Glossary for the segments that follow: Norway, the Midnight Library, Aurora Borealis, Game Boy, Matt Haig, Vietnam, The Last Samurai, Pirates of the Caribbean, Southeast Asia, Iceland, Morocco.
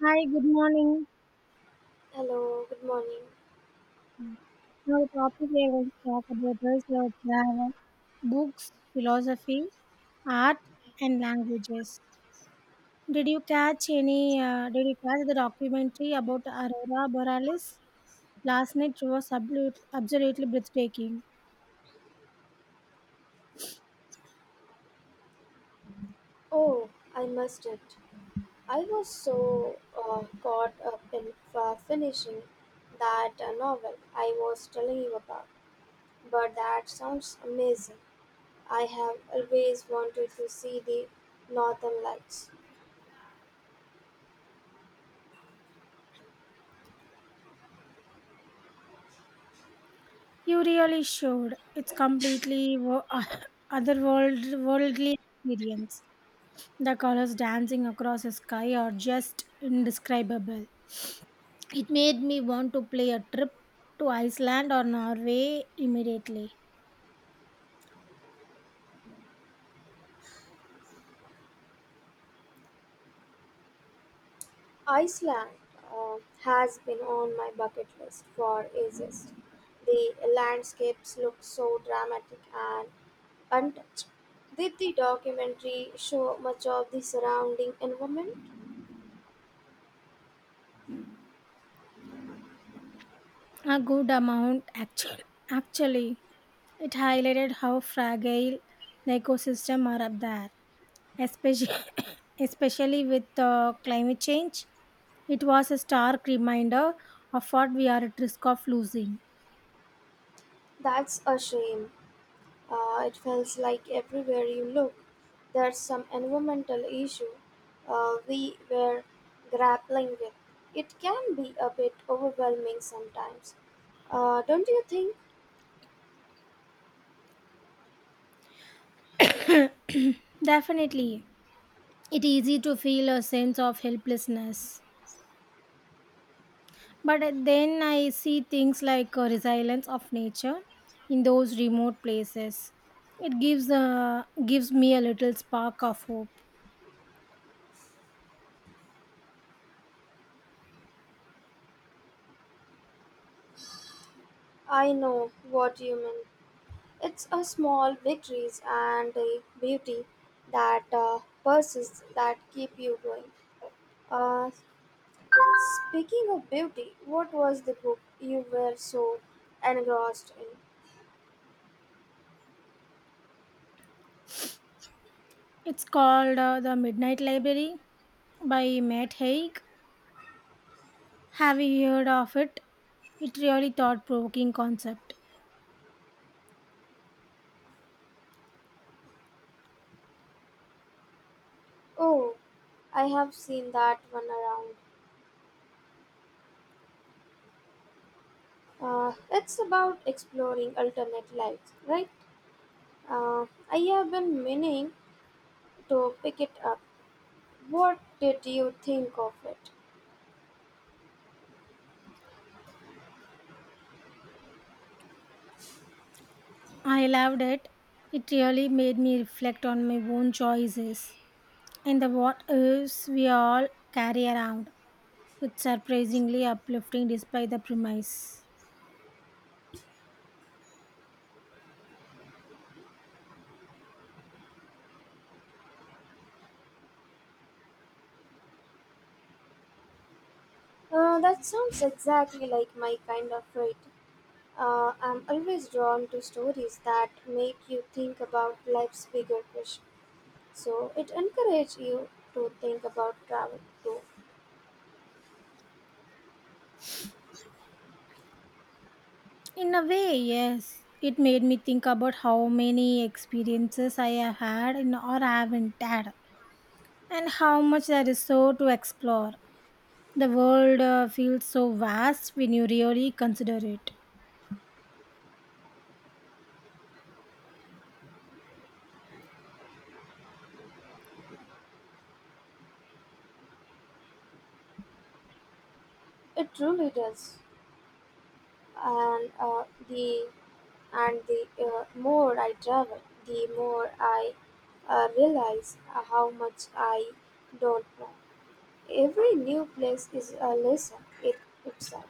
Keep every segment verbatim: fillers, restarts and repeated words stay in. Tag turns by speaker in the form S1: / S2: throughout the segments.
S1: Hi, good morning.
S2: Hello, good morning.
S1: Now, the topic I want to talk about is uh, travel, books, philosophy, art, and languages. Did you catch any? Uh, did you catch the documentary about Aurora Borealis last night? Was absolute, absolutely breathtaking.
S2: Oh, I missed it. I was so uh, caught up in uh, finishing that uh, novel I was telling you about. But that sounds amazing. I have always wanted to see the Northern Lights.
S1: You really showed. It's completely wo- otherworld, worldly experience. The colors dancing across the sky are just indescribable. It made me want to play a trip to Iceland or Norway immediately.
S2: Iceland uh, has been on my bucket list for ages. The landscapes look so dramatic and untouched. Did the documentary show much of the surrounding environment?
S1: A good amount, actually. Actually, it highlighted how fragile the ecosystem are up there, especially especially with uh, climate change. It was a stark reminder of what we are at risk of losing.
S2: That's a shame. Uh, it feels like everywhere you look, there's some environmental issue uh, we were grappling with. It can be a bit overwhelming sometimes. Uh, don't you think?
S1: Definitely. It's easy to feel a sense of helplessness. But then I see things like a resilience of nature in those remote places. It gives uh, gives me a little spark of hope.
S2: I know what you mean. It's a small victories and a beauty that uh, persists that keep you going. Uh, speaking of beauty, what was the book you were so engrossed in?
S1: It's called uh, the Midnight Library by Matt Haig. Have you heard of it? It really thought provoking concept.
S2: Oh, I have seen that one around. Uh, it's about exploring alternate lives, right? Uh, I have been meaning to pick it up. What did you think of it?
S1: I loved it. It really made me reflect on my own choices and the what ifs we all carry around. It's surprisingly uplifting despite the premise.
S2: Uh, that sounds exactly like my kind of read. Uh, I'm always drawn to stories that make you think about life's bigger question. So it encourages you to think about travel too.
S1: In a way, yes. It made me think about how many experiences I have had in, or haven't had, and how much there is so to explore. The world uh, feels so vast when you really consider it.
S2: It truly does. And uh, the And the uh, more I travel, the more I uh, realize how much I don't know. Every new place is a lesson it itself.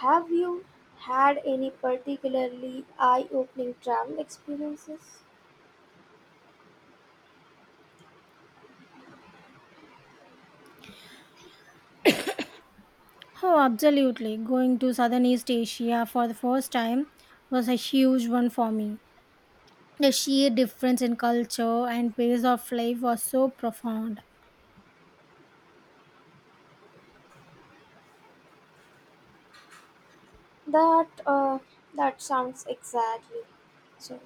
S2: Have you had any particularly eye-opening travel experiences?
S1: Oh, absolutely. Going to Southeast Asia for the first time was a huge one for me. The sheer difference in culture and pace of life was so profound.
S2: That uh, that sounds exactly. So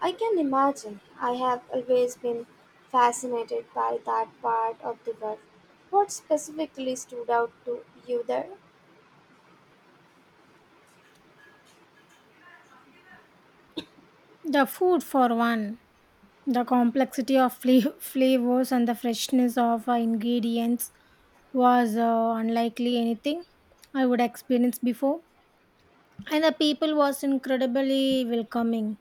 S2: I can imagine. I have always been fascinated by that part of the world. What specifically stood out to you there?
S1: The food, for one, the complexity of fla- flavors and the freshness of uh, ingredients was uh, unlikely anything I would experience before. And the people was incredibly welcoming.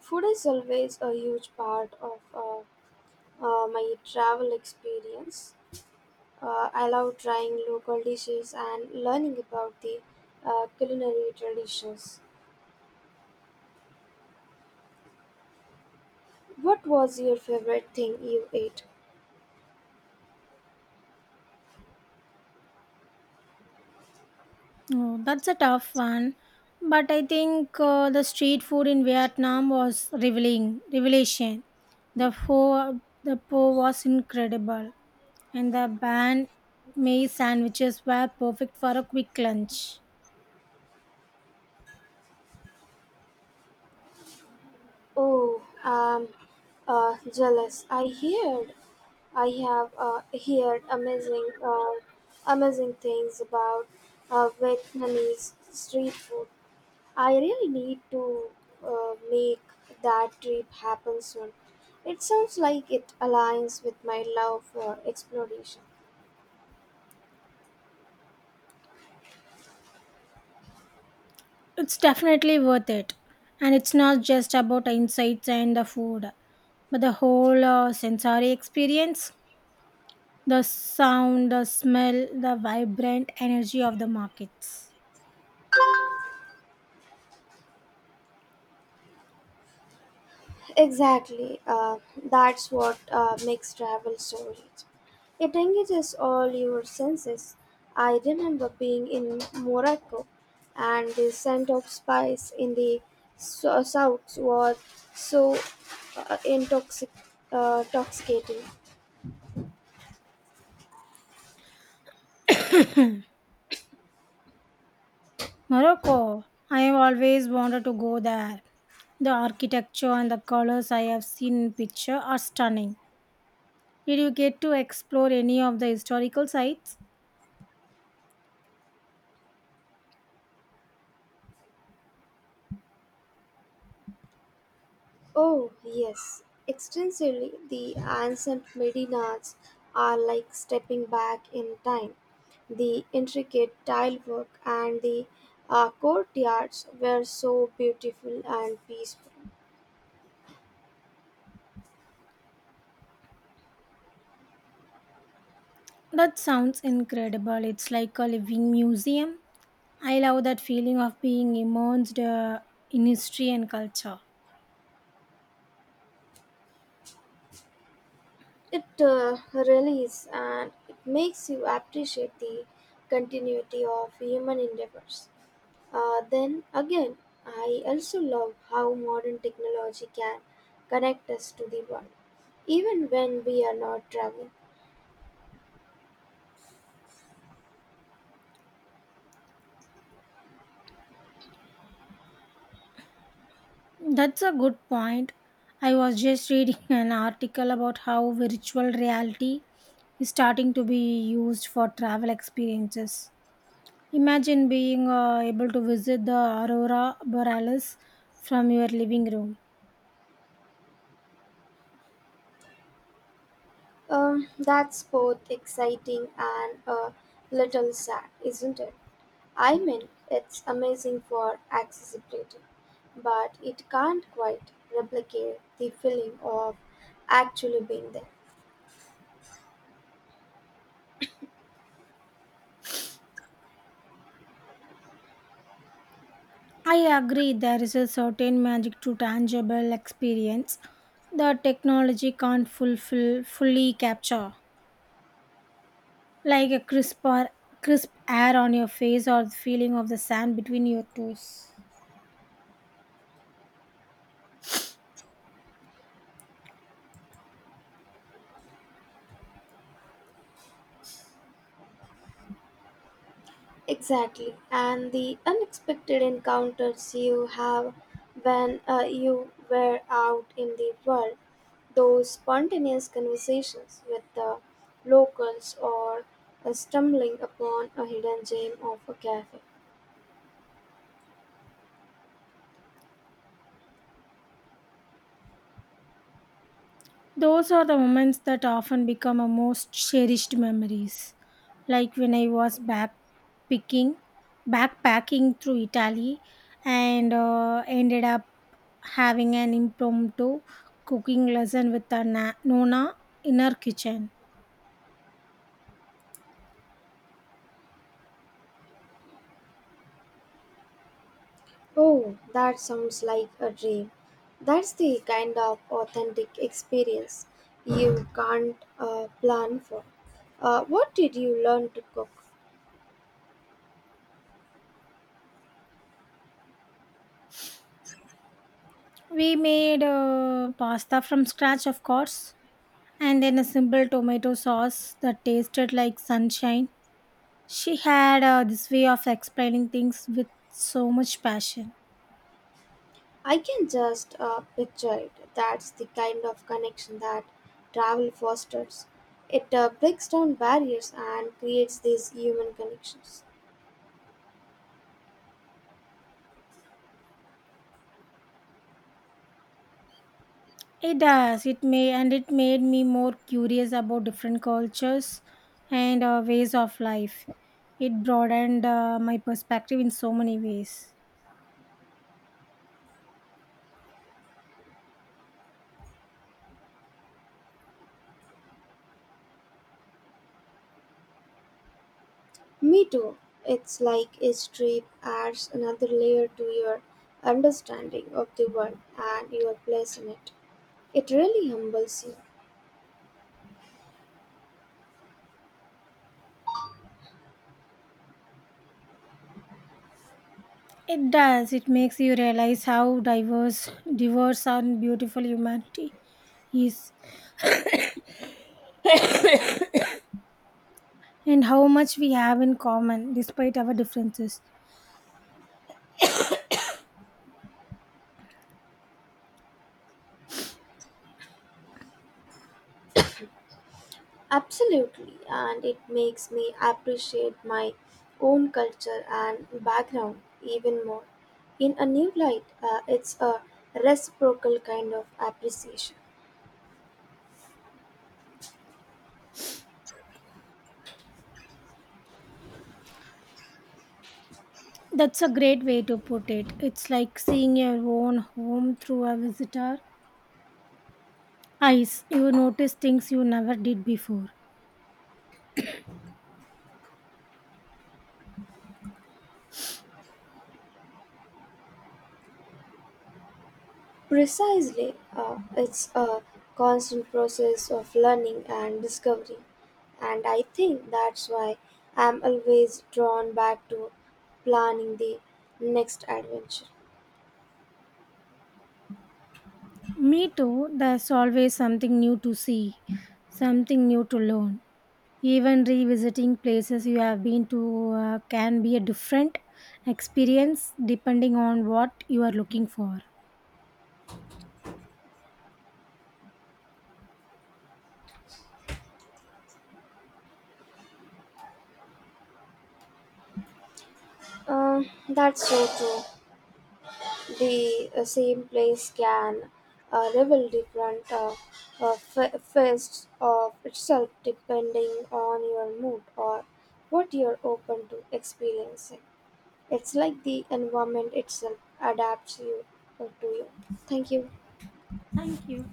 S2: Food is always a huge part of uh, uh, my travel experience. Uh, I love trying local dishes and learning about the uh, culinary traditions. What was your favorite thing you ate?
S1: Oh, that's a tough one. But I think uh, the street food in Vietnam was revealing revelation. The pho, the pho was incredible, and the banh mi sandwiches were perfect for a quick lunch.
S2: Oh, um, uh, jealous. I heard, I have uh, heard amazing, uh, amazing things about uh, Vietnamese street food. I really need to uh, make that trip happen soon. It sounds like it aligns with my love for exploration.
S1: It's definitely worth it. And it's not just about insights and the food, but the whole uh, sensory experience, the sound, the smell, the vibrant energy of the markets.
S2: Exactly, uh, that's what uh, makes travel so rich. It engages all your senses. I remember being in Morocco, and the scent of spice in the so- south was so uh, intoxic- uh, intoxicating.
S1: Morocco, I have always wanted to go there. The architecture and the colors I have seen in picture are stunning. Did you get to explore any of the historical sites?
S2: Oh, yes, extensively. The ancient Medinas are like stepping back in time. The intricate tile work and the uh, courtyards were so beautiful and peaceful.
S1: That sounds incredible. It's like a living museum. I love that feeling of being immersed uh, in history and culture.
S2: It uh, really is, and it makes you appreciate the continuity of human endeavors. Uh, then again, I also love how modern technology can connect us to the world, even when we are not traveling.
S1: That's a good point. I was just reading an article about how virtual reality is starting to be used for travel experiences. Imagine being uh, able to visit the Aurora Borealis from your living room.
S2: Um, that's both exciting and a little sad, isn't it? I mean, it's amazing for accessibility, but it can't quite replicate the feeling of actually being there.
S1: I agree there is a certain magic to tangible experience that technology can't fulfill fully capture. Like a crisp or crisp air on your face or the feeling of the sand between your toes.
S2: Exactly, and the unexpected encounters you have when uh, you were out in the world, those spontaneous conversations with the locals or uh, stumbling upon a hidden gem of a cafe.
S1: Those are the moments that often become our most cherished memories. Like when I was backpicking, backpacking through Italy and uh, ended up having an impromptu cooking lesson with our na- Nona in her kitchen.
S2: Oh, that sounds like a dream. That's the kind of authentic experience you can't uh, plan for. Uh, what did you learn to cook?
S1: We made uh, pasta from scratch, of course, and then a simple tomato sauce that tasted like sunshine. She had uh, this way of explaining things with so much passion.
S2: I can just uh, picture it. That's the kind of connection that travel fosters. It uh, breaks down barriers and creates these human connections.
S1: It does. It may and it made me more curious about different cultures and uh, ways of life. It broadened uh, my perspective in so many ways.
S2: Me too. It's like each trip adds another layer to your understanding of the world and your place in it. It really humbles you.
S1: It does. It makes you realize how diverse, diverse and beautiful humanity is, and how much we have in common despite our differences.
S2: Absolutely, and it makes me appreciate my own culture and background even more. In a new light, uh, it's a reciprocal kind of appreciation.
S1: That's a great way to put it. It's like seeing your own home through a visitor eyes. You notice things you never did before.
S2: Precisely, uh, it's a constant process of learning and discovery, and I think that's why I'm always drawn back to planning the next adventure.
S1: Me too, there's always something new to see, something new to learn. Even revisiting places you have been to uh, can be a different experience depending on what you are looking for.
S2: Um, that's so true. The uh, same place can uh, reveal different uh, uh, fa- facets of itself depending on your mood or what you're open to experiencing. It's like the environment itself adapts you uh, to you. Thank you.
S1: Thank you.